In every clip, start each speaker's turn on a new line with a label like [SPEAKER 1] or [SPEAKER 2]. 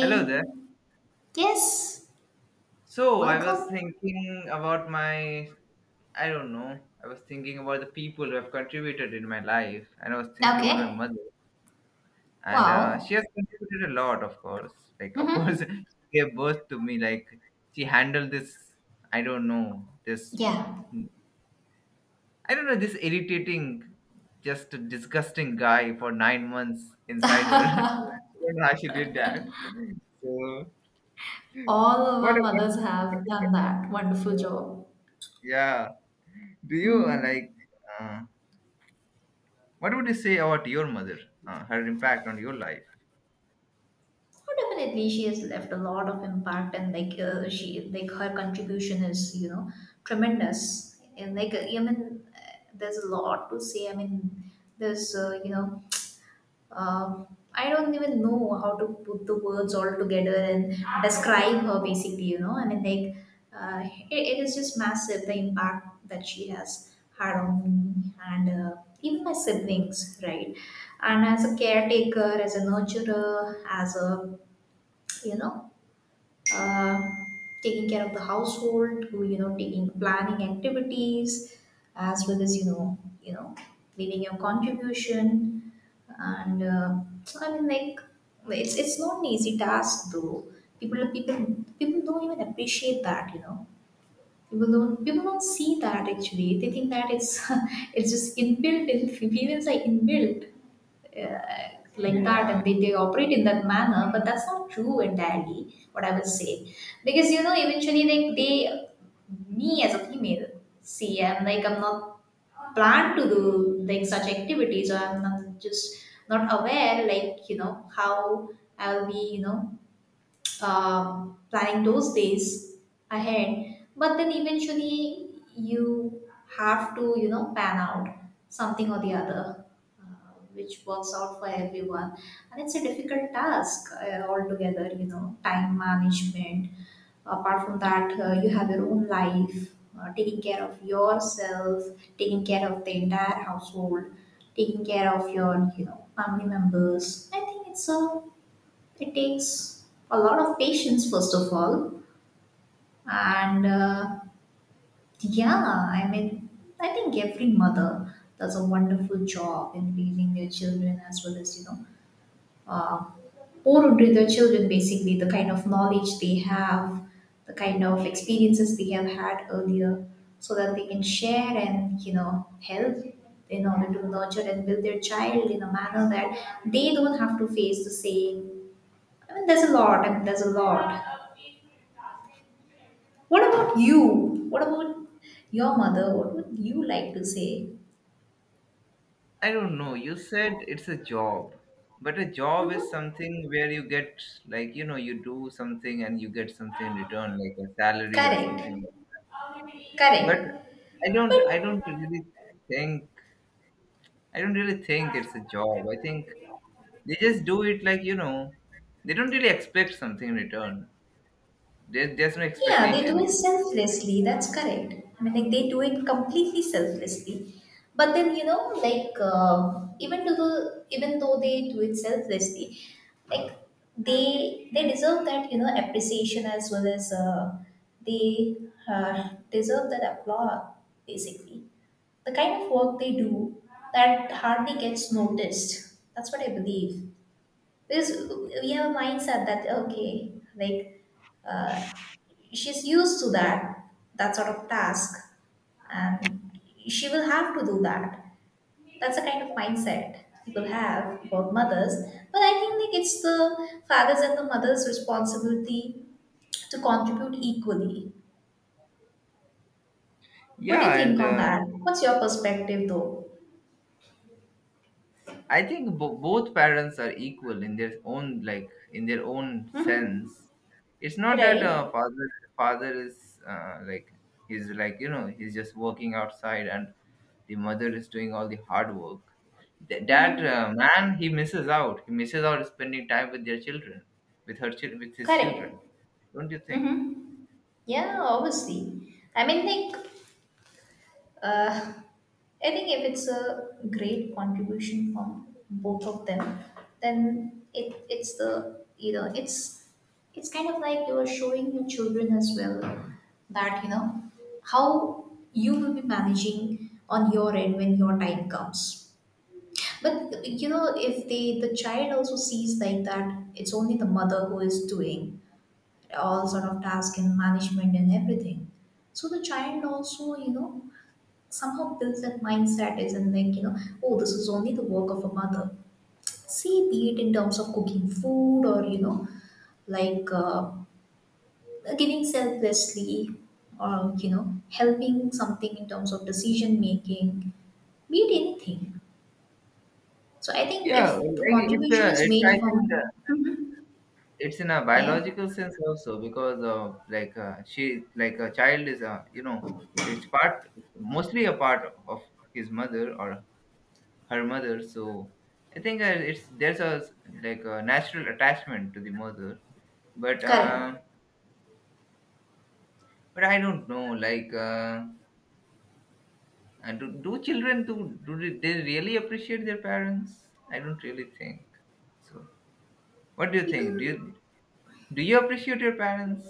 [SPEAKER 1] Hello there.
[SPEAKER 2] yes,
[SPEAKER 1] So I was
[SPEAKER 2] welcome.
[SPEAKER 1] thinking about my, I don't know, I was thinking about the people who have contributed in my life, and I was thinking about my
[SPEAKER 2] Okay,
[SPEAKER 1] mother, and
[SPEAKER 2] wow.
[SPEAKER 1] she has contributed a lot, of course. Like, of course,
[SPEAKER 2] Mm-hmm.
[SPEAKER 1] she gave birth to me. Like, she handled this, I don't know, this,
[SPEAKER 2] Yeah,
[SPEAKER 1] I don't know, this irritating, just disgusting guy for 9 months inside her. I don't know how she did that. So,
[SPEAKER 2] all of
[SPEAKER 1] what
[SPEAKER 2] our
[SPEAKER 1] about?
[SPEAKER 2] mothers have done that wonderful job.
[SPEAKER 1] Yeah. Do you
[SPEAKER 2] Mm.
[SPEAKER 1] like? Uh, what would you say about your mother? Her impact on your life?
[SPEAKER 2] Oh, definitely, she has left a lot of impact, and she, like her contribution is, tremendous. And like I mean, There's a lot to say. There's Uh, I don't even know how to put the words all together and describe her basically, you know. It is just massive the impact that she has had on me and even my siblings, right? And as a caretaker, as a nurturer, as a, you know, uh, taking care of the household to you know taking planning activities as well as you know leaving your contribution and I mean like It's not an easy task though people, people don't even appreciate that, you know. People don't, people don't see that actually. They think that it's it's just inbuilt in females, are inbuilt uh, like that,
[SPEAKER 1] Yeah,
[SPEAKER 2] and they operate in that manner, but that's not true entirely, what I would say. Because you know eventually they, me as a female, see, I'm like I'm not planned to do like such activities, or I'm not just not aware, like you know how I'll be, you know, planning those days ahead. But then eventually you have to, you know, pan out something or the other, uh, which works out for everyone. And it's a difficult task altogether, you know, time management. Apart from that, you have your own life, taking care of yourself, taking care of the entire household, taking care of your you know family members. I think it's a, it takes a lot of patience, first of all. And yeah, I mean, I think every mother does a wonderful job in raising their children, as well as, uh, pour into their children basically the kind of knowledge they have, the kind of experiences they have had earlier, so that they can share and, you know, help in order to nurture and build their child in a manner that they don't have to face the same. There's a lot. There's a lot. What about you? What about your mother? What would you like to say?
[SPEAKER 1] I don't know. You said it's a job, but a job is
[SPEAKER 2] Hmm.
[SPEAKER 1] something where you get like you know you do something and you get something in return, like a salary or
[SPEAKER 2] Correct.
[SPEAKER 1] something. Like but
[SPEAKER 2] Correct. But
[SPEAKER 1] I don't really think, I don't really think it's a job. I think they just do it like you know, they don't really expect something in return. There's no
[SPEAKER 2] yeah, they
[SPEAKER 1] expectation.
[SPEAKER 2] do it selflessly. That's correct. I mean, like they do it completely selflessly. But then you know, even to the even though they do it selflessly, like they deserve that you know appreciation, as well as they deserve that applause basically. The kind of work they do that hardly gets noticed. That's what I believe. Because we have a mindset that, okay, uh, she's used to that, that sort of task, and she will have to do that. That's the kind of mindset people have about mothers. But I think like it's the father's and the mother's responsibility to contribute equally. What do you
[SPEAKER 1] Yeah,
[SPEAKER 2] think
[SPEAKER 1] and
[SPEAKER 2] on that? What's your perspective though?
[SPEAKER 1] I think both parents are equal in their own like in their own
[SPEAKER 2] Hmm.
[SPEAKER 1] sense. It's not that
[SPEAKER 2] Right?
[SPEAKER 1] father is like he's like you know he's just working outside and the mother is doing all the hard work. Th- that
[SPEAKER 2] Hmm.
[SPEAKER 1] Man, he misses out. He misses out spending time with their children, with her with his
[SPEAKER 2] Correct.
[SPEAKER 1] children. Don't you think?
[SPEAKER 2] Hmm. Yeah, obviously. Uh, I think if it's a great contribution from both of them, then it's the you know it's kind of like you are showing your children as well that you know how you will be managing on your end when your time comes. But you know if they the child also sees like that, it's only the mother who is doing all sort of task and management and everything. So the child also, you know, somehow builds that mindset is and think, you know, oh, this is only the work of a mother. See, be it in terms of cooking food, or you know, like uh, giving selflessly, or you know helping something in terms of decision making, be it anything. So I think if
[SPEAKER 1] Yeah,
[SPEAKER 2] the
[SPEAKER 1] like
[SPEAKER 2] contribution is
[SPEAKER 1] it's I
[SPEAKER 2] made
[SPEAKER 1] think
[SPEAKER 2] from
[SPEAKER 1] it's in a
[SPEAKER 2] yeah
[SPEAKER 1] biological sense also because she like a child is a you know it's part mostly a part of his mother or her mother, so I think it's there's a like a natural attachment to the mother, but
[SPEAKER 2] correct
[SPEAKER 1] uh, but I don't know do, do children do do they really appreciate their parents? I don't really think so. What do you think? Do you
[SPEAKER 2] people,
[SPEAKER 1] do you appreciate your parents?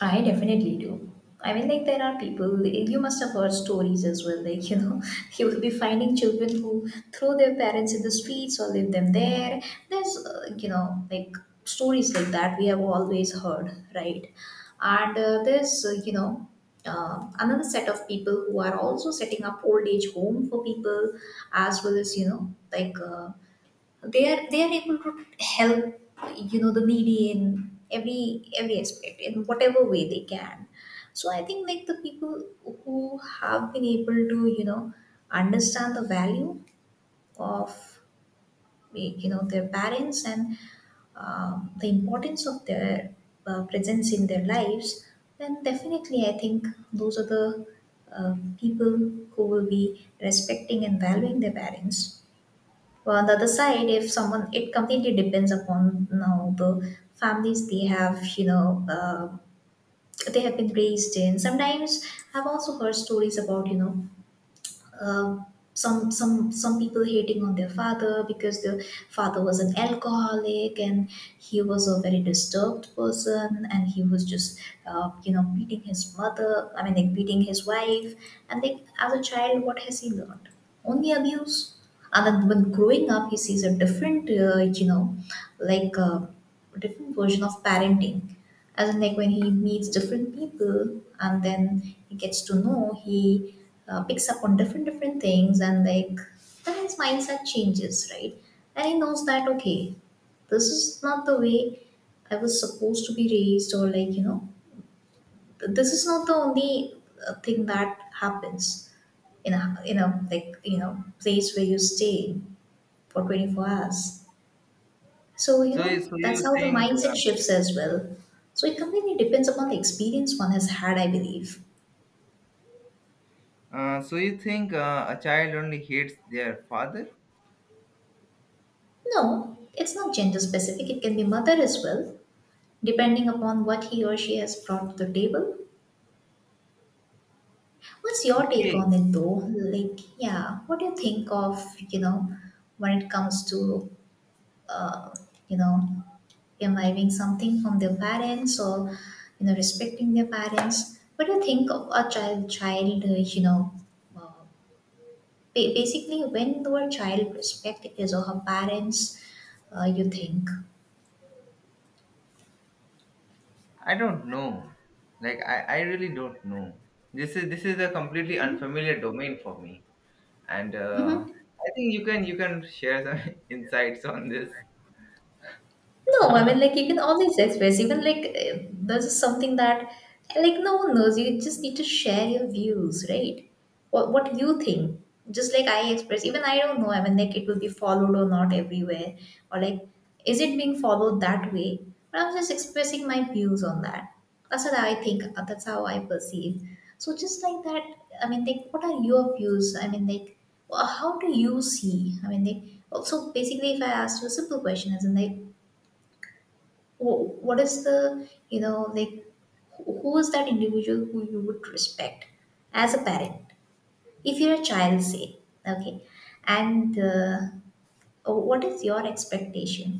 [SPEAKER 2] I definitely do. I mean, like, there are people, you must have heard stories as well. Like, you know, you will be finding children who throw their parents in the streets or leave them there. There's, stories like that we have always heard, right? And there's, another set of people who are also setting up old age home for people as well as, you know, they are able to help you know the needy in every aspect in whatever way they can. So I think like the people who have been able to, you know, understand the value of, like, you know their parents, and the importance of their presence in their lives, then definitely I think those are the people who will be respecting and valuing their parents. Well, on the other side, if someone, it completely depends upon you know, the families they have, you know, they have been raised in. Sometimes I've also heard stories about, um, some people hating on their father because the father was an alcoholic, and he was a very disturbed person, and he was just, you know, beating his mother, I mean like beating his wife. And like as a child what has he learned? Only abuse. And then when growing up he sees a different, like uh, a different version of parenting, as in like when he meets different people, and then he gets to know, he picks up on different different things, and like then his mindset changes, right? And he knows that, okay, this is not the way I was supposed to be raised. Or like you know, this is not the only thing that happens in a like you know place where you stay for 24 hours. So, you
[SPEAKER 1] so
[SPEAKER 2] know,
[SPEAKER 1] so you
[SPEAKER 2] that's how the
[SPEAKER 1] think uh,
[SPEAKER 2] mindset shifts as well. So, it completely depends upon the experience one has had, I believe.
[SPEAKER 1] Uh, so you think a child only hates their father?
[SPEAKER 2] No, it's not gender specific, it can be mother as well, depending upon what he or she has brought to the table. What's your take
[SPEAKER 1] Okay,
[SPEAKER 2] on it though? Like, yeah, what do you think of, you know, when it comes to, uh, you know, imbibing something from their parents, or, you know, respecting their parents? What do you think of a child, you know, uh, basically when the word child respect is of her parents, you think?
[SPEAKER 1] I don't know. Like I really don't know. This is a completely unfamiliar domain for me, and
[SPEAKER 2] Hmm.
[SPEAKER 1] I think you can share some insights on this.
[SPEAKER 2] No, I mean, like, you can always express, even like, eh, this is something that, like, no one knows. You just need to share your views, right? What you think. Just like I express, even I don't know, I mean, like, it will be followed or not everywhere, or like, is it being followed that way? But I'm just expressing my views on that. That's what I think, that's how I perceive. So, just like that, I mean, like, what are your views? I mean, like, how do you see? I mean, like, so basically, if I asked you a simple question, as in, like, what is the you know like who is that individual who you would respect as a parent if you're a child, say, okay? And what is your expectation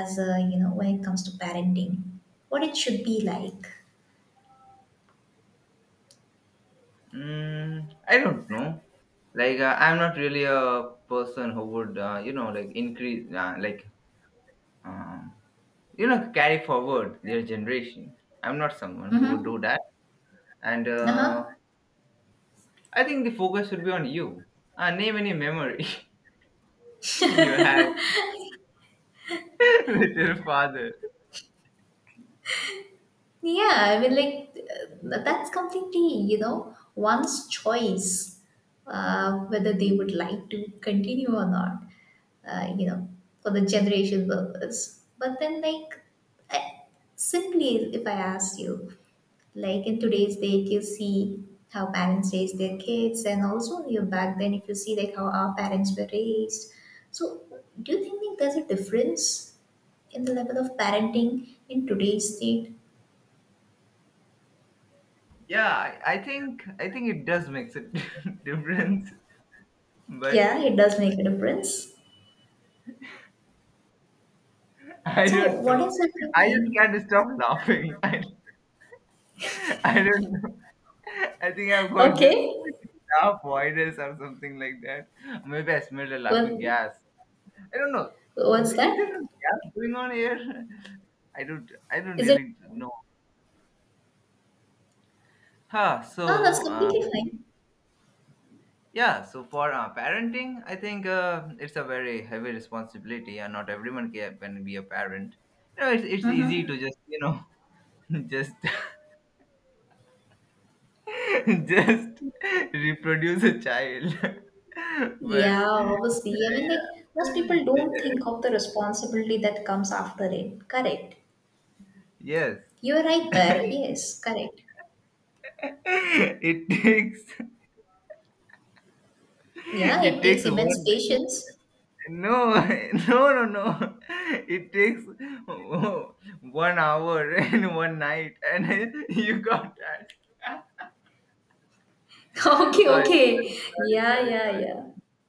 [SPEAKER 2] as a you know when it comes to parenting, what it should be like?
[SPEAKER 1] Mm, I don't know. Like I'm not really a person who would you know like increase um you know carry forward their generation. I'm not someone who would
[SPEAKER 2] Mm-hmm.
[SPEAKER 1] do that, and.
[SPEAKER 2] Uh-huh.
[SPEAKER 1] I think the focus should be on you. Name any memory you had with your father.
[SPEAKER 2] Yeah, I mean, like, that's completely, you know, one's choice, whether they would like to continue or not, you know, for the generation purpose. But then, like, I, simply if I ask you, like in today's day, if you see how parents raise their kids, and also you back then, if you see like how our parents were raised, so do you think like, there's a difference in the level of parenting in today's state?
[SPEAKER 1] Yeah, I think it does makes a difference, but
[SPEAKER 2] Yeah, it does make a difference.
[SPEAKER 1] I
[SPEAKER 2] So,
[SPEAKER 1] don't
[SPEAKER 2] what
[SPEAKER 1] know.
[SPEAKER 2] is it you
[SPEAKER 1] I just
[SPEAKER 2] think?
[SPEAKER 1] can't stop laughing. I don't know. I think I've got this
[SPEAKER 2] Okay.
[SPEAKER 1] laugh virus or something like that. Maybe I smelled a laughing
[SPEAKER 2] Well,
[SPEAKER 1] gas. I don't know.
[SPEAKER 2] what's that?
[SPEAKER 1] Is there a gas going on here? I don't. I don't
[SPEAKER 2] Is it?
[SPEAKER 1] really know. Huh.
[SPEAKER 2] Oh, that's
[SPEAKER 1] So.
[SPEAKER 2] completely fine.
[SPEAKER 1] Yeah, so for parenting, I think it's a very heavy responsibility, and not everyone can be a parent. You know, it's easy
[SPEAKER 2] Mm-hmm.
[SPEAKER 1] to just, you know, just just reproduce a child. But
[SPEAKER 2] Yeah, obviously. I mean, like, most people don't
[SPEAKER 1] yeah,
[SPEAKER 2] think of the responsibility that comes after it. Correct.
[SPEAKER 1] yes,
[SPEAKER 2] You're right there. Yes, correct.
[SPEAKER 1] it takes
[SPEAKER 2] Yeah,
[SPEAKER 1] it
[SPEAKER 2] it takes
[SPEAKER 1] takes
[SPEAKER 2] immense
[SPEAKER 1] one
[SPEAKER 2] patience.
[SPEAKER 1] No, no, no, no. It takes oh, 1 hour and one night, and you got that. Sorry,
[SPEAKER 2] Okay,
[SPEAKER 1] sorry, sorry,
[SPEAKER 2] okay.
[SPEAKER 1] sorry,
[SPEAKER 2] Yeah, yeah,
[SPEAKER 1] sorry,
[SPEAKER 2] yeah.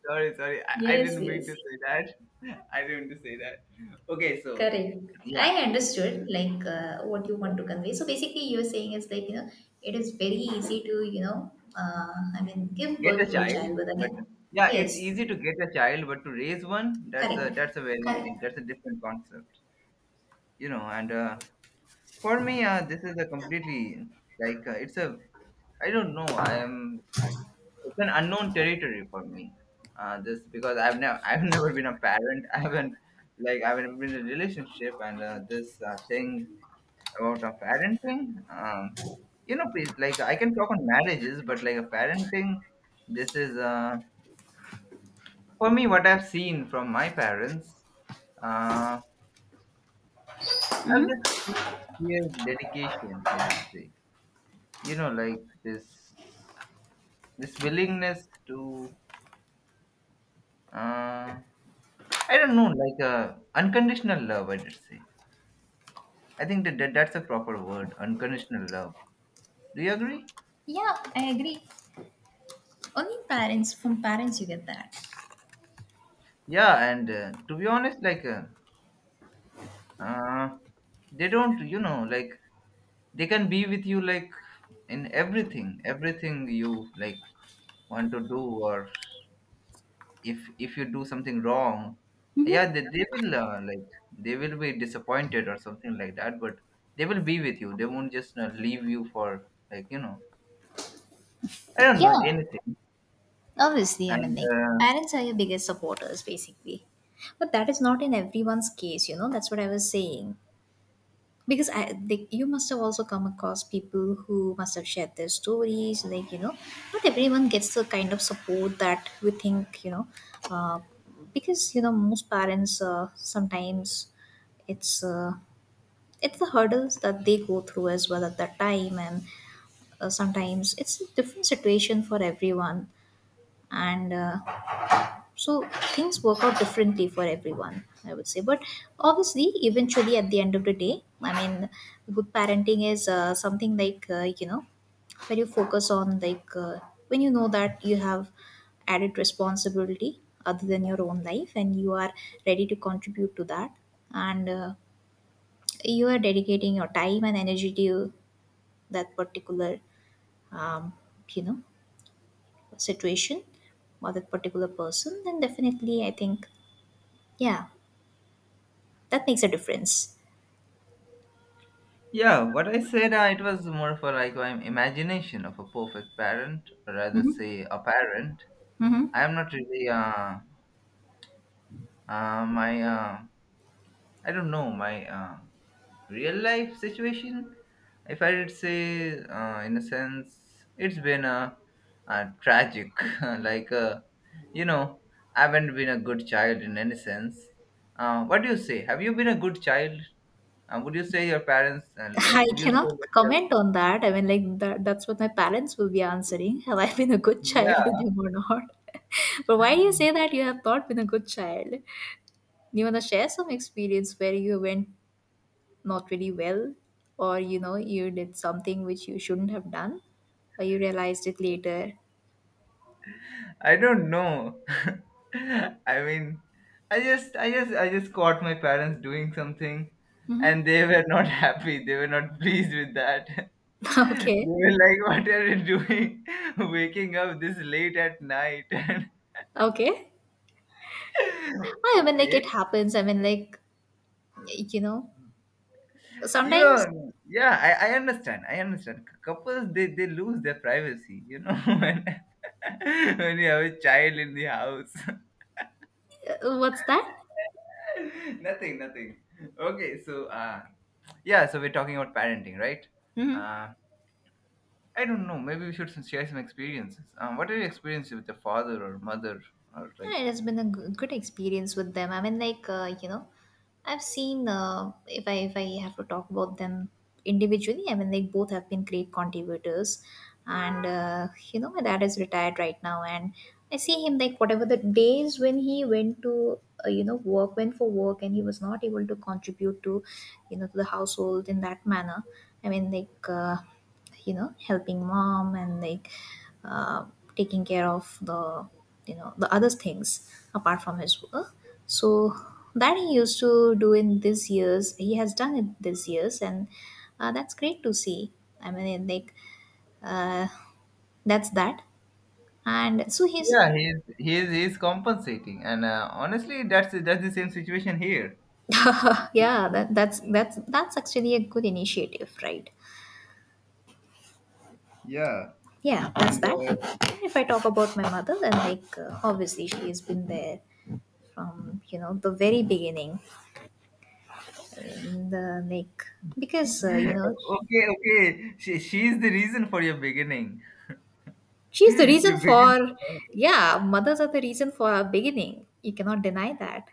[SPEAKER 1] sorry. I
[SPEAKER 2] Yes,
[SPEAKER 1] didn't mean to
[SPEAKER 2] yes.
[SPEAKER 1] say that. I didn't mean to say that. Okay, so
[SPEAKER 2] Correct.
[SPEAKER 1] yeah,
[SPEAKER 2] I understood what you
[SPEAKER 1] yeah,
[SPEAKER 2] want to convey. So basically, you're saying is like you know it is very easy to you know, I mean give
[SPEAKER 1] get
[SPEAKER 2] birth
[SPEAKER 1] a
[SPEAKER 2] to a
[SPEAKER 1] child,
[SPEAKER 2] child with
[SPEAKER 1] but
[SPEAKER 2] again.
[SPEAKER 1] yeah, it's
[SPEAKER 2] Yes,
[SPEAKER 1] easy to get a child, but to raise one,
[SPEAKER 2] correct,
[SPEAKER 1] that's a
[SPEAKER 2] correct.
[SPEAKER 1] very that's a different concept, you know. And for me, this is a completely like it's a I don't know. I am it's an unknown territory for me. Just because I've never I've never been a parent. I haven't like I haven't been in a relationship and this thing about a parenting. Um, you know, please, like I can talk on marriages, but like a parenting, this is for me what I've seen from my parents. Uh, I've just
[SPEAKER 2] Mm-hmm.
[SPEAKER 1] seen this sheer dedication, I would say. You know, like this willingness to uh, I don't know, like unconditional love, I did say. I think that that's a proper word, unconditional love. Do you agree?
[SPEAKER 2] Yeah, I agree. Only parents from parents you get that.
[SPEAKER 1] Yeah, and to be honest, like uh, they don't, you know, like they can be with you like in everything, everything you like want to do, or if you do something wrong,
[SPEAKER 2] Mm-hmm.
[SPEAKER 1] yeah, they will like they will be disappointed or something like that, but they will be with you. They won't just leave you for like you know, I don't know
[SPEAKER 2] Yeah,
[SPEAKER 1] anything.
[SPEAKER 2] obviously, I mean
[SPEAKER 1] And
[SPEAKER 2] like parents are your biggest supporters basically, but that is not in everyone's case. You know that's what I was saying. You must have also come across people who must have shared their stories, like not everyone gets the kind of support that we think, uh, because most parents, sometimes it's uh, it's the hurdles that they go through as well at that time, and sometimes it's a different situation for everyone, and so things work out differently for everyone, I would say. But obviously, eventually, at the end of the day, I mean, good parenting is something like, when you focus on like, when you know that you have added responsibility other than your own life, and you are ready to contribute to that, and you are dedicating your time and energy to that particular, um, you know situation, or that particular person, then definitely, I think, yeah, that makes a difference.
[SPEAKER 1] yeah, what I said, it was more for like my imagination of a perfect parent, or rather
[SPEAKER 2] Mhm.
[SPEAKER 1] say a parent.
[SPEAKER 2] Mhm.
[SPEAKER 1] I am not really my I don't know my real life situation. If I did say, in a sense, it's been a tragic, like you know, I haven't been a good child in any sense. What do you say? Have you been a good child? Would you say your parents? Like,
[SPEAKER 2] I
[SPEAKER 1] would you say
[SPEAKER 2] cannot
[SPEAKER 1] that your
[SPEAKER 2] comment on that. I mean, like that's what my parents will be answering. Have I been a good child to
[SPEAKER 1] yeah
[SPEAKER 2] them or not? But why do you say that you have not been a good child? You wanna share some experience where you went not really well, or you did something which you shouldn't have done, or you realized it later?
[SPEAKER 1] I don't know. I mean, I just caught my parents doing something,
[SPEAKER 2] Mhm.
[SPEAKER 1] and they were not happy. They were not pleased with that. They
[SPEAKER 2] Okay,
[SPEAKER 1] were like, "What are you doing? Waking up this late at night?"
[SPEAKER 2] okay.
[SPEAKER 1] And
[SPEAKER 2] I mean, like
[SPEAKER 1] okay,
[SPEAKER 2] it happens. I mean, like, you know,
[SPEAKER 1] you
[SPEAKER 2] sometimes.
[SPEAKER 1] know, yeah, I understand. I understand. Couples, they lose their privacy. You know, when when you have a child in the house.
[SPEAKER 2] What's that?
[SPEAKER 1] Nothing, nothing. Okay, so yeah, so we're talking about parenting, right?
[SPEAKER 2] Mhm.
[SPEAKER 1] Uh, I don't know. Maybe we should share some experiences. What are your experiences with your father or mother or like?
[SPEAKER 2] Yeah, it has been a good experience with them. I mean, like, I've seen, if I have to talk about them individually, I mean, like, both have been great contributors, and my dad is retired right now, and I see him like, whatever the days when he went to, work went for work and he was not able to contribute to, to the household in that manner. I mean, like. Helping mom, and like uh, taking care of the, the other things apart from his work, so that he used to do in these years, he has done it these years, and that's great to see. I mean, like, uh, that's that, and so he's.
[SPEAKER 1] Yeah, he's compensating, and honestly, that's the same situation here.
[SPEAKER 2] Yeah, that's actually a good initiative, right?
[SPEAKER 1] Yeah,
[SPEAKER 2] Yeah, that's
[SPEAKER 1] and
[SPEAKER 2] that. If I talk about my mother, then like, obviously she has been there from, the very beginning, and like, because
[SPEAKER 1] okay, okay, she's the reason for your beginning.
[SPEAKER 2] she's the
[SPEAKER 1] You
[SPEAKER 2] reason
[SPEAKER 1] begin,
[SPEAKER 2] for.
[SPEAKER 1] to-
[SPEAKER 2] Yeah, mothers are the reason for our beginning, you cannot deny that.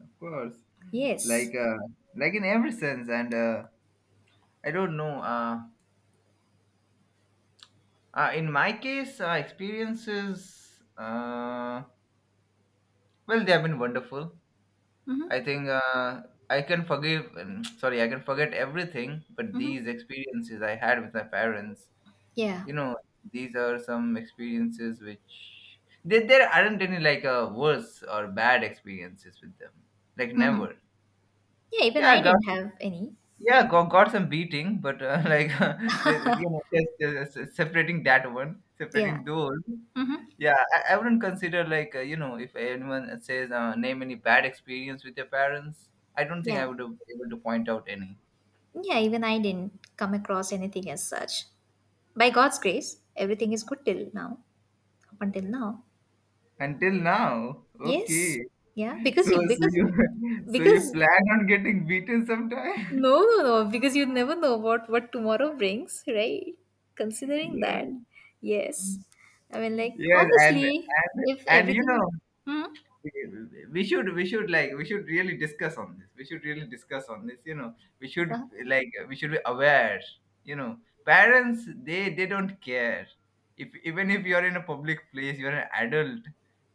[SPEAKER 1] of course,
[SPEAKER 2] Yes.
[SPEAKER 1] like uh, like in every sense, and I don't know. In my case, experiences. Well, they have been wonderful.
[SPEAKER 2] Mm-hmm.
[SPEAKER 1] I think I can forgive, sorry, I can forget everything, but
[SPEAKER 2] Mm-hmm.
[SPEAKER 1] these experiences I had with my parents,
[SPEAKER 2] Yeah.
[SPEAKER 1] you know, these are some experiences which there aren't any like worse or bad experiences with them. Like
[SPEAKER 2] Mm-hmm.
[SPEAKER 1] never.
[SPEAKER 2] Yeah, even
[SPEAKER 1] Yeah, I
[SPEAKER 2] I
[SPEAKER 1] got
[SPEAKER 2] didn't have any.
[SPEAKER 1] yeah, got some beating, but like you know, just separating that one,
[SPEAKER 2] Yeah.
[SPEAKER 1] separating those.
[SPEAKER 2] Mm-hmm.
[SPEAKER 1] Yeah, I wouldn't consider like you know if anyone says name any bad experience with your parents. I don't think I
[SPEAKER 2] Yeah,
[SPEAKER 1] would have been able to point out any
[SPEAKER 2] yeah, even I didn't come across anything as such. By God's grace, everything is good till now. Up until now.
[SPEAKER 1] until now. Okay,
[SPEAKER 2] Yes. Yeah,
[SPEAKER 1] so
[SPEAKER 2] because you,
[SPEAKER 1] so
[SPEAKER 2] because,
[SPEAKER 1] you so
[SPEAKER 2] because.
[SPEAKER 1] you plan on getting beaten sometime?
[SPEAKER 2] No, no, no, because you never know what tomorrow brings, right? Considering
[SPEAKER 1] Yes,
[SPEAKER 2] that, yes, I mean, like
[SPEAKER 1] yes, and
[SPEAKER 2] obviously, if
[SPEAKER 1] you
[SPEAKER 2] everything,
[SPEAKER 1] know
[SPEAKER 2] hmm,
[SPEAKER 1] we we should we should really discuss on this, we should really discuss on this, you know, we should
[SPEAKER 2] uh-huh,
[SPEAKER 1] we should be aware, you know, parents they don't care if even if you're in a public place, you're an adult,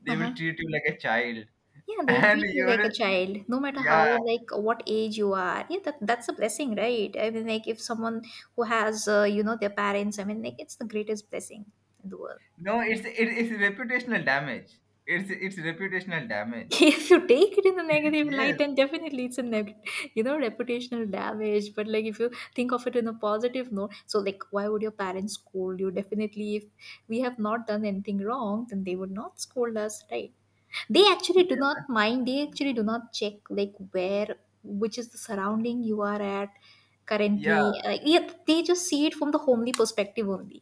[SPEAKER 1] they will
[SPEAKER 2] uh-huh.
[SPEAKER 1] treat you like a child.
[SPEAKER 2] Yeah, they
[SPEAKER 1] And
[SPEAKER 2] treat you like
[SPEAKER 1] you're
[SPEAKER 2] a child, no matter
[SPEAKER 1] yeah
[SPEAKER 2] how, like what age you are. Yeah, that that's a blessing, right? I mean, like if someone who has, their parents, I mean, like, it's the greatest blessing in the world.
[SPEAKER 1] no it's it's reputational damage, it's reputational damage,
[SPEAKER 2] If you take it in a negative light,
[SPEAKER 1] yes,
[SPEAKER 2] then definitely it's a negative, reputational damage. But like, if you think of it in a positive note, so like, why would your parents scold you? Definitely, if we have not done anything wrong, then they would not scold us, right? They actually do not mind. They actually do not check like where, which is the surrounding you are at
[SPEAKER 1] yeah.
[SPEAKER 2] currently. Like, yeah, they just see it from the homely perspective only.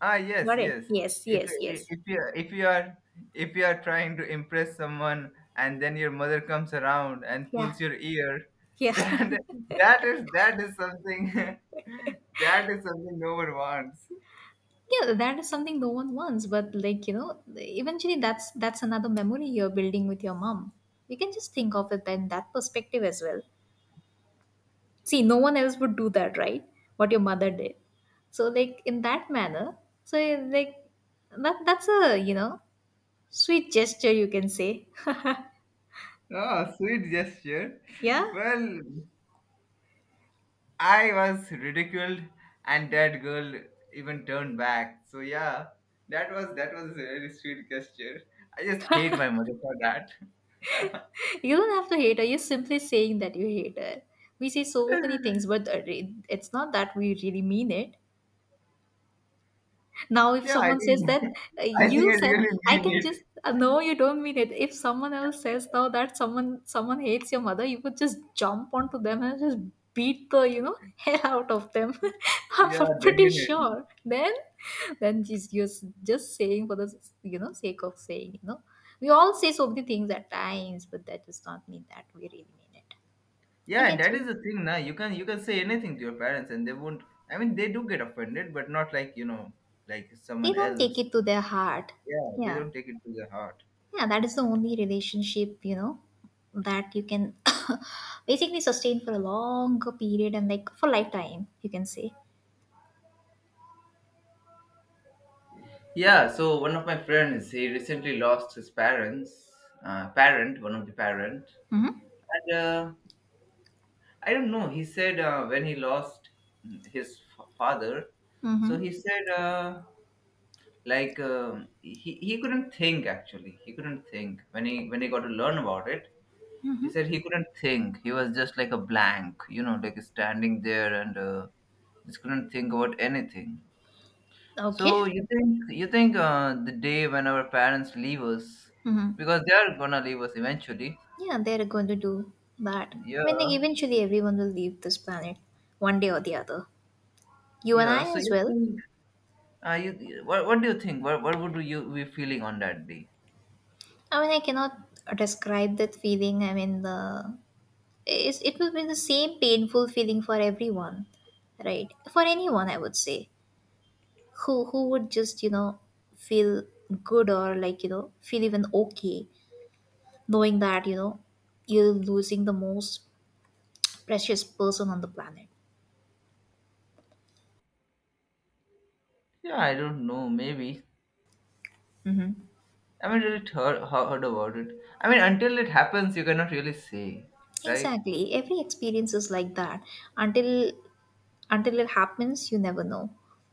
[SPEAKER 1] Ah, yes,
[SPEAKER 2] Got it?
[SPEAKER 1] yes.
[SPEAKER 2] Yes,
[SPEAKER 1] If
[SPEAKER 2] yes, yes.
[SPEAKER 1] if you if you are if you are trying to impress someone and then your mother comes around and
[SPEAKER 2] Yeah,
[SPEAKER 1] pulls your ear,
[SPEAKER 2] yeah.
[SPEAKER 1] that that is something that is something no one wants.
[SPEAKER 2] Yeah, that is something no one wants, but like, eventually that's another memory you're building with your mom. You can just think of it in that perspective as well. See, no one else would do that, right? What your mother did. So, like, in that manner, so, like, that's a, sweet gesture, you can say.
[SPEAKER 1] Oh, sweet gesture.
[SPEAKER 2] Yeah.
[SPEAKER 1] Well, I was ridiculed, and that girl even turned back. So yeah, that was a very sweet gesture. I just hate my mother for that.
[SPEAKER 2] You don't have to hate her, you're simply saying that you hate her. We say so many things, but it's not that we really mean it. Now, if
[SPEAKER 1] Yeah, I
[SPEAKER 2] someone says
[SPEAKER 1] think
[SPEAKER 2] that,
[SPEAKER 1] I think
[SPEAKER 2] you
[SPEAKER 1] I
[SPEAKER 2] said,
[SPEAKER 1] really
[SPEAKER 2] I
[SPEAKER 1] mean
[SPEAKER 2] can just,
[SPEAKER 1] it.
[SPEAKER 2] no, you don't mean it. If someone else says now that someone hates your mother, you would just jump onto them and just beat the, hell out of them.
[SPEAKER 1] Yeah,
[SPEAKER 2] I'm pretty
[SPEAKER 1] definitely.
[SPEAKER 2] sure. Then just you're just saying for the sake of saying. You know, we all say so many things at times, but that does not mean that we really mean it. I
[SPEAKER 1] Yeah, and
[SPEAKER 2] get
[SPEAKER 1] that is
[SPEAKER 2] you.
[SPEAKER 1] the thing now. You can say anything to your parents and they won't I mean they do get offended, but not like, you know, like
[SPEAKER 2] They
[SPEAKER 1] someone
[SPEAKER 2] don't take
[SPEAKER 1] else.
[SPEAKER 2] it to their heart.
[SPEAKER 1] Yeah, they
[SPEAKER 2] Yeah.
[SPEAKER 1] don't take it to their heart.
[SPEAKER 2] Yeah, that is the only relationship, you know, that you can basically sustain for a longer period and like for lifetime, you can say.
[SPEAKER 1] Yeah, so one of my friends, he recently lost his parents, parent, one of the parent,
[SPEAKER 2] Mm-hmm.
[SPEAKER 1] and I don't know. He said when he lost his father, so
[SPEAKER 2] Mm-hmm.
[SPEAKER 1] he said like he couldn't think, actually he couldn't think when he got to learn about it. He said he couldn't think, he was just like a blank, you know, like standing there and just couldn't think about anything. So
[SPEAKER 2] Okay.
[SPEAKER 1] you think the day when our parents leave us,
[SPEAKER 2] Mm-hmm.
[SPEAKER 1] because they are gonna leave us eventually,
[SPEAKER 2] Yeah, they're going to do that. I mean, like,
[SPEAKER 1] yeah
[SPEAKER 2] eventually everyone will leave this planet one day or the other. You and
[SPEAKER 1] yeah,
[SPEAKER 2] I
[SPEAKER 1] so
[SPEAKER 2] as
[SPEAKER 1] you
[SPEAKER 2] well.
[SPEAKER 1] think you what do you think what would you be feeling on that day?
[SPEAKER 2] I mean, I cannot describe that feeling. I mean, the it's, it will be the same painful feeling for everyone, right? For anyone, I would say, who would just, feel good, or like, feel even okay, knowing that, you're losing the most precious person on the planet.
[SPEAKER 1] Yeah I don't know, maybe
[SPEAKER 2] Hmm.
[SPEAKER 1] I mean, really heard, heard about it. I mean, until it happens, you cannot really say, right?
[SPEAKER 2] Exactly, every experience is like that. until until it happens, you never know.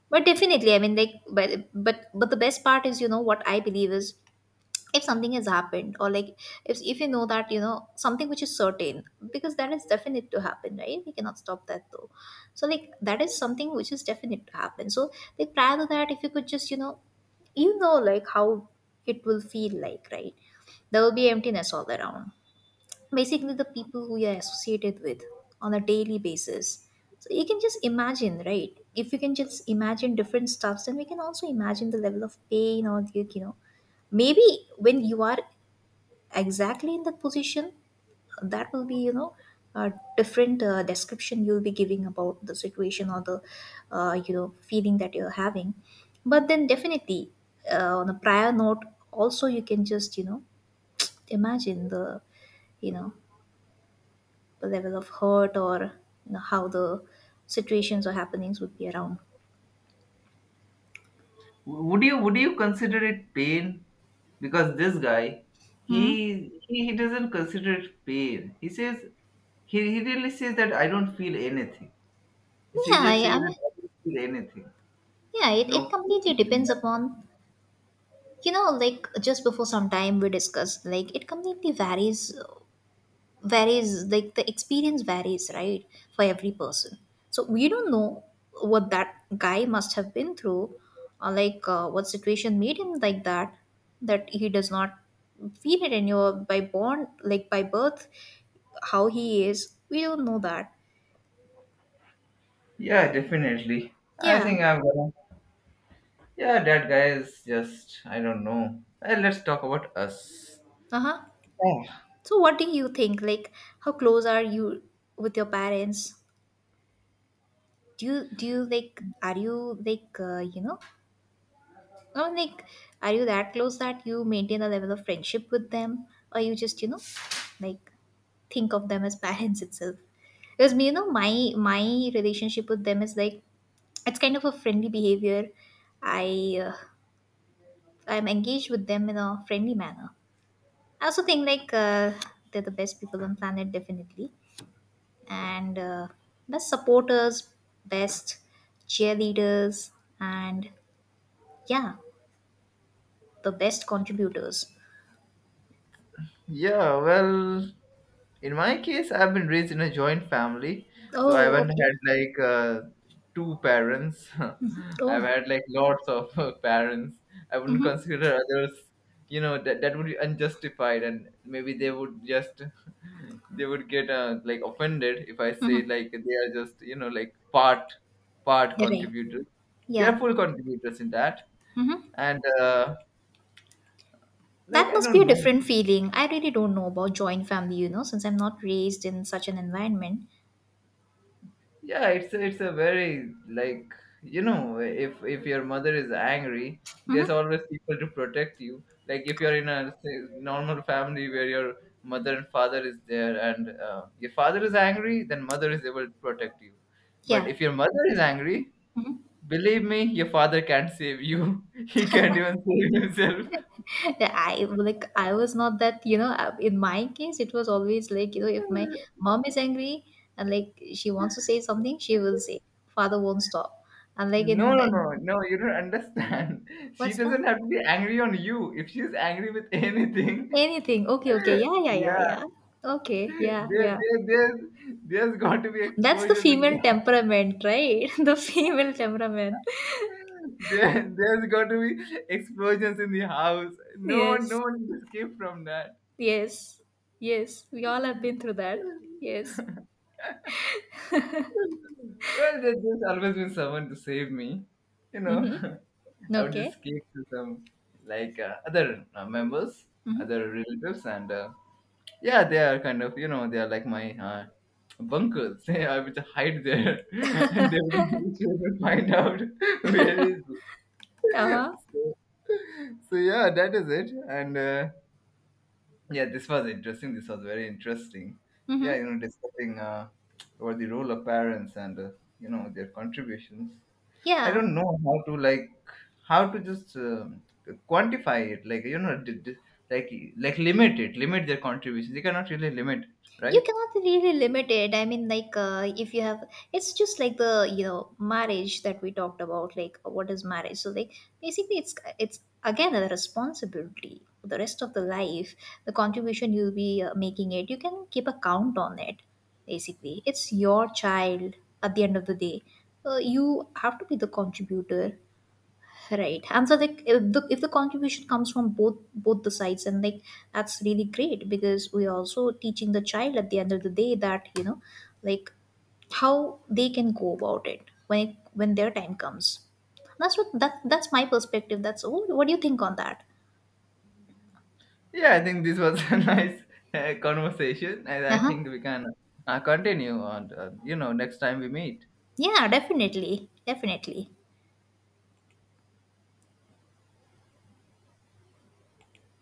[SPEAKER 2] But definitely, I mean, like, but the best part is, what I believe is, if something has happened, or like, if you know that, something which is certain, because that is definite to happen, right? We cannot stop that, though. So like, that is something which is definite to happen. So, like, prior to that, if you could just, you know like how it will feel like, right? There will be emptiness all around, basically the people who you're associated with on a daily basis. So you can just imagine, right? If you can just imagine different stuffs, then we can also imagine the level of pain, or like, maybe when you are exactly in that position, that will be, a different description you'll be giving about the situation, or the, feeling that you're having. But then, definitely, on a prior note, also, you can just, imagine the, you know the level of hurt, or, how the situations or happenings would be around.
[SPEAKER 1] Would you consider it pain? Because this guy,
[SPEAKER 2] Hmm.
[SPEAKER 1] he doesn't consider it pain. He says he really says that I don't feel anything. He he
[SPEAKER 2] Yeah,
[SPEAKER 1] just says
[SPEAKER 2] I
[SPEAKER 1] that
[SPEAKER 2] mean,
[SPEAKER 1] I don't feel anything.
[SPEAKER 2] yeah, it,
[SPEAKER 1] No
[SPEAKER 2] it completely
[SPEAKER 1] pain.
[SPEAKER 2] depends upon,
[SPEAKER 1] Nothing."
[SPEAKER 2] like just before some time we discussed, like, it completely varies. Varies, like the experience varies, right, for every person. So we don't know what that guy must have been through, or like, what situation made him like that, that he does not feel it. And you by born, like by birth, how he is, we don't know that.
[SPEAKER 1] Yeah, definitely. I
[SPEAKER 2] Yeah.
[SPEAKER 1] think I'm gonna. Yeah, that guy is just I don't know. Eh, let's talk about us.
[SPEAKER 2] Uh-huh. So what do you think, like, how close are you with your parents? Do you like, are you like, Oh, like, are you that close that you maintain a level of friendship with them, or you just, you know, like, think of them as parents itself? Because me, you know, my relationship with them is like, it's kind of a friendly behavior. I, I'm engaged with them in a friendly manner. I also think like, they're the best people on planet, definitely, and best supporters, best cheerleaders, and yeah, the best contributors.
[SPEAKER 1] Yeah, well, in my case, I've been raised in a joint family, so I
[SPEAKER 2] Oh,
[SPEAKER 1] haven't had
[SPEAKER 2] okay.
[SPEAKER 1] like two parents. I've
[SPEAKER 2] Oh.
[SPEAKER 1] had like lots of parents. I wouldn't
[SPEAKER 2] Mm-hmm.
[SPEAKER 1] consider others, you know, that that would be unjustified, and maybe they would just they would get like offended if I say
[SPEAKER 2] Mm-hmm.
[SPEAKER 1] like they are just you know like part
[SPEAKER 2] Right.
[SPEAKER 1] contributors. They are
[SPEAKER 2] Yeah.
[SPEAKER 1] full contributors in that,
[SPEAKER 2] Mm-hmm.
[SPEAKER 1] and like
[SPEAKER 2] That
[SPEAKER 1] I
[SPEAKER 2] must be
[SPEAKER 1] don't
[SPEAKER 2] a
[SPEAKER 1] know.
[SPEAKER 2] different feeling. I really don't know about joint family, you know, since I'm not raised in such an environment.
[SPEAKER 1] Yeah it's a very like you know if your mother is angry there's
[SPEAKER 2] Mm-hmm.
[SPEAKER 1] always people to protect you, like if you're in a say, normal family where your mother and father is there and your father is angry then mother is able to protect you, but
[SPEAKER 2] Yeah.
[SPEAKER 1] if your mother is angry,
[SPEAKER 2] Mhm.
[SPEAKER 1] believe me your father can't save you, he can't even save himself.
[SPEAKER 2] Yeah, I like I was not that, you know, in my case it was always like, you know, if my mom is angry and like she wants to say something, she will say. Father won't stop. And like
[SPEAKER 1] No,
[SPEAKER 2] in,
[SPEAKER 1] no, no,
[SPEAKER 2] in
[SPEAKER 1] no, you don't understand. She
[SPEAKER 2] what's that?
[SPEAKER 1] doesn't have to be angry on you if she's angry with anything.
[SPEAKER 2] Anything. Okay, okay. Yeah, yeah, yeah,
[SPEAKER 1] Yeah.
[SPEAKER 2] yeah. Okay. Yeah,
[SPEAKER 1] there,
[SPEAKER 2] yeah.
[SPEAKER 1] there, there's, there's got to be
[SPEAKER 2] That's the
[SPEAKER 1] explosions in
[SPEAKER 2] female
[SPEAKER 1] the
[SPEAKER 2] temperament, right? The female temperament.
[SPEAKER 1] there's got to be explosions in the house. No one, no
[SPEAKER 2] Yes,
[SPEAKER 1] one can escape from that.
[SPEAKER 2] yes, yes. We all have been through that. Yes.
[SPEAKER 1] Well, there, there's always been someone to save me. You know,
[SPEAKER 2] Mm-hmm.
[SPEAKER 1] I would just
[SPEAKER 2] Okay.
[SPEAKER 1] escape to some like other members, other relatives, and yeah, they are kind of you know they are like my bunkers. I would hide there, and they will find out where is
[SPEAKER 2] Uh huh.
[SPEAKER 1] so, so yeah, that is it. And yeah, this was interesting. This was very interesting. Yeah,
[SPEAKER 2] Mm-hmm.
[SPEAKER 1] you know, discussing about the role of parents and you know their contributions. I
[SPEAKER 2] Yeah.
[SPEAKER 1] don't know how to like how to just quantify it. Like you know, like like limit it, limit their contributions. You cannot really limit it,
[SPEAKER 2] You
[SPEAKER 1] right?
[SPEAKER 2] cannot really limit it. I mean, like, if you have, it's just like the, marriage that we talked about, like what is marriage. So like, basically it's again a responsibility for the rest of the life. The contribution you'll be, making it, you can keep a count on it. Basically it's your child at the end of the day. You have to be the contributor. Right. And so like, if the contribution comes from both the sides, and like, that's really great, because we're also teaching the child at the end of the day that, you know, like how they can go about it, when their time comes. That's what, that's my perspective. That's all. What do you think on that?
[SPEAKER 1] Yeah, I think this was a nice conversation, and I
[SPEAKER 2] Uh-huh.
[SPEAKER 1] think we can continue on. You know, next time we meet.
[SPEAKER 2] Yeah, definitely. Definitely.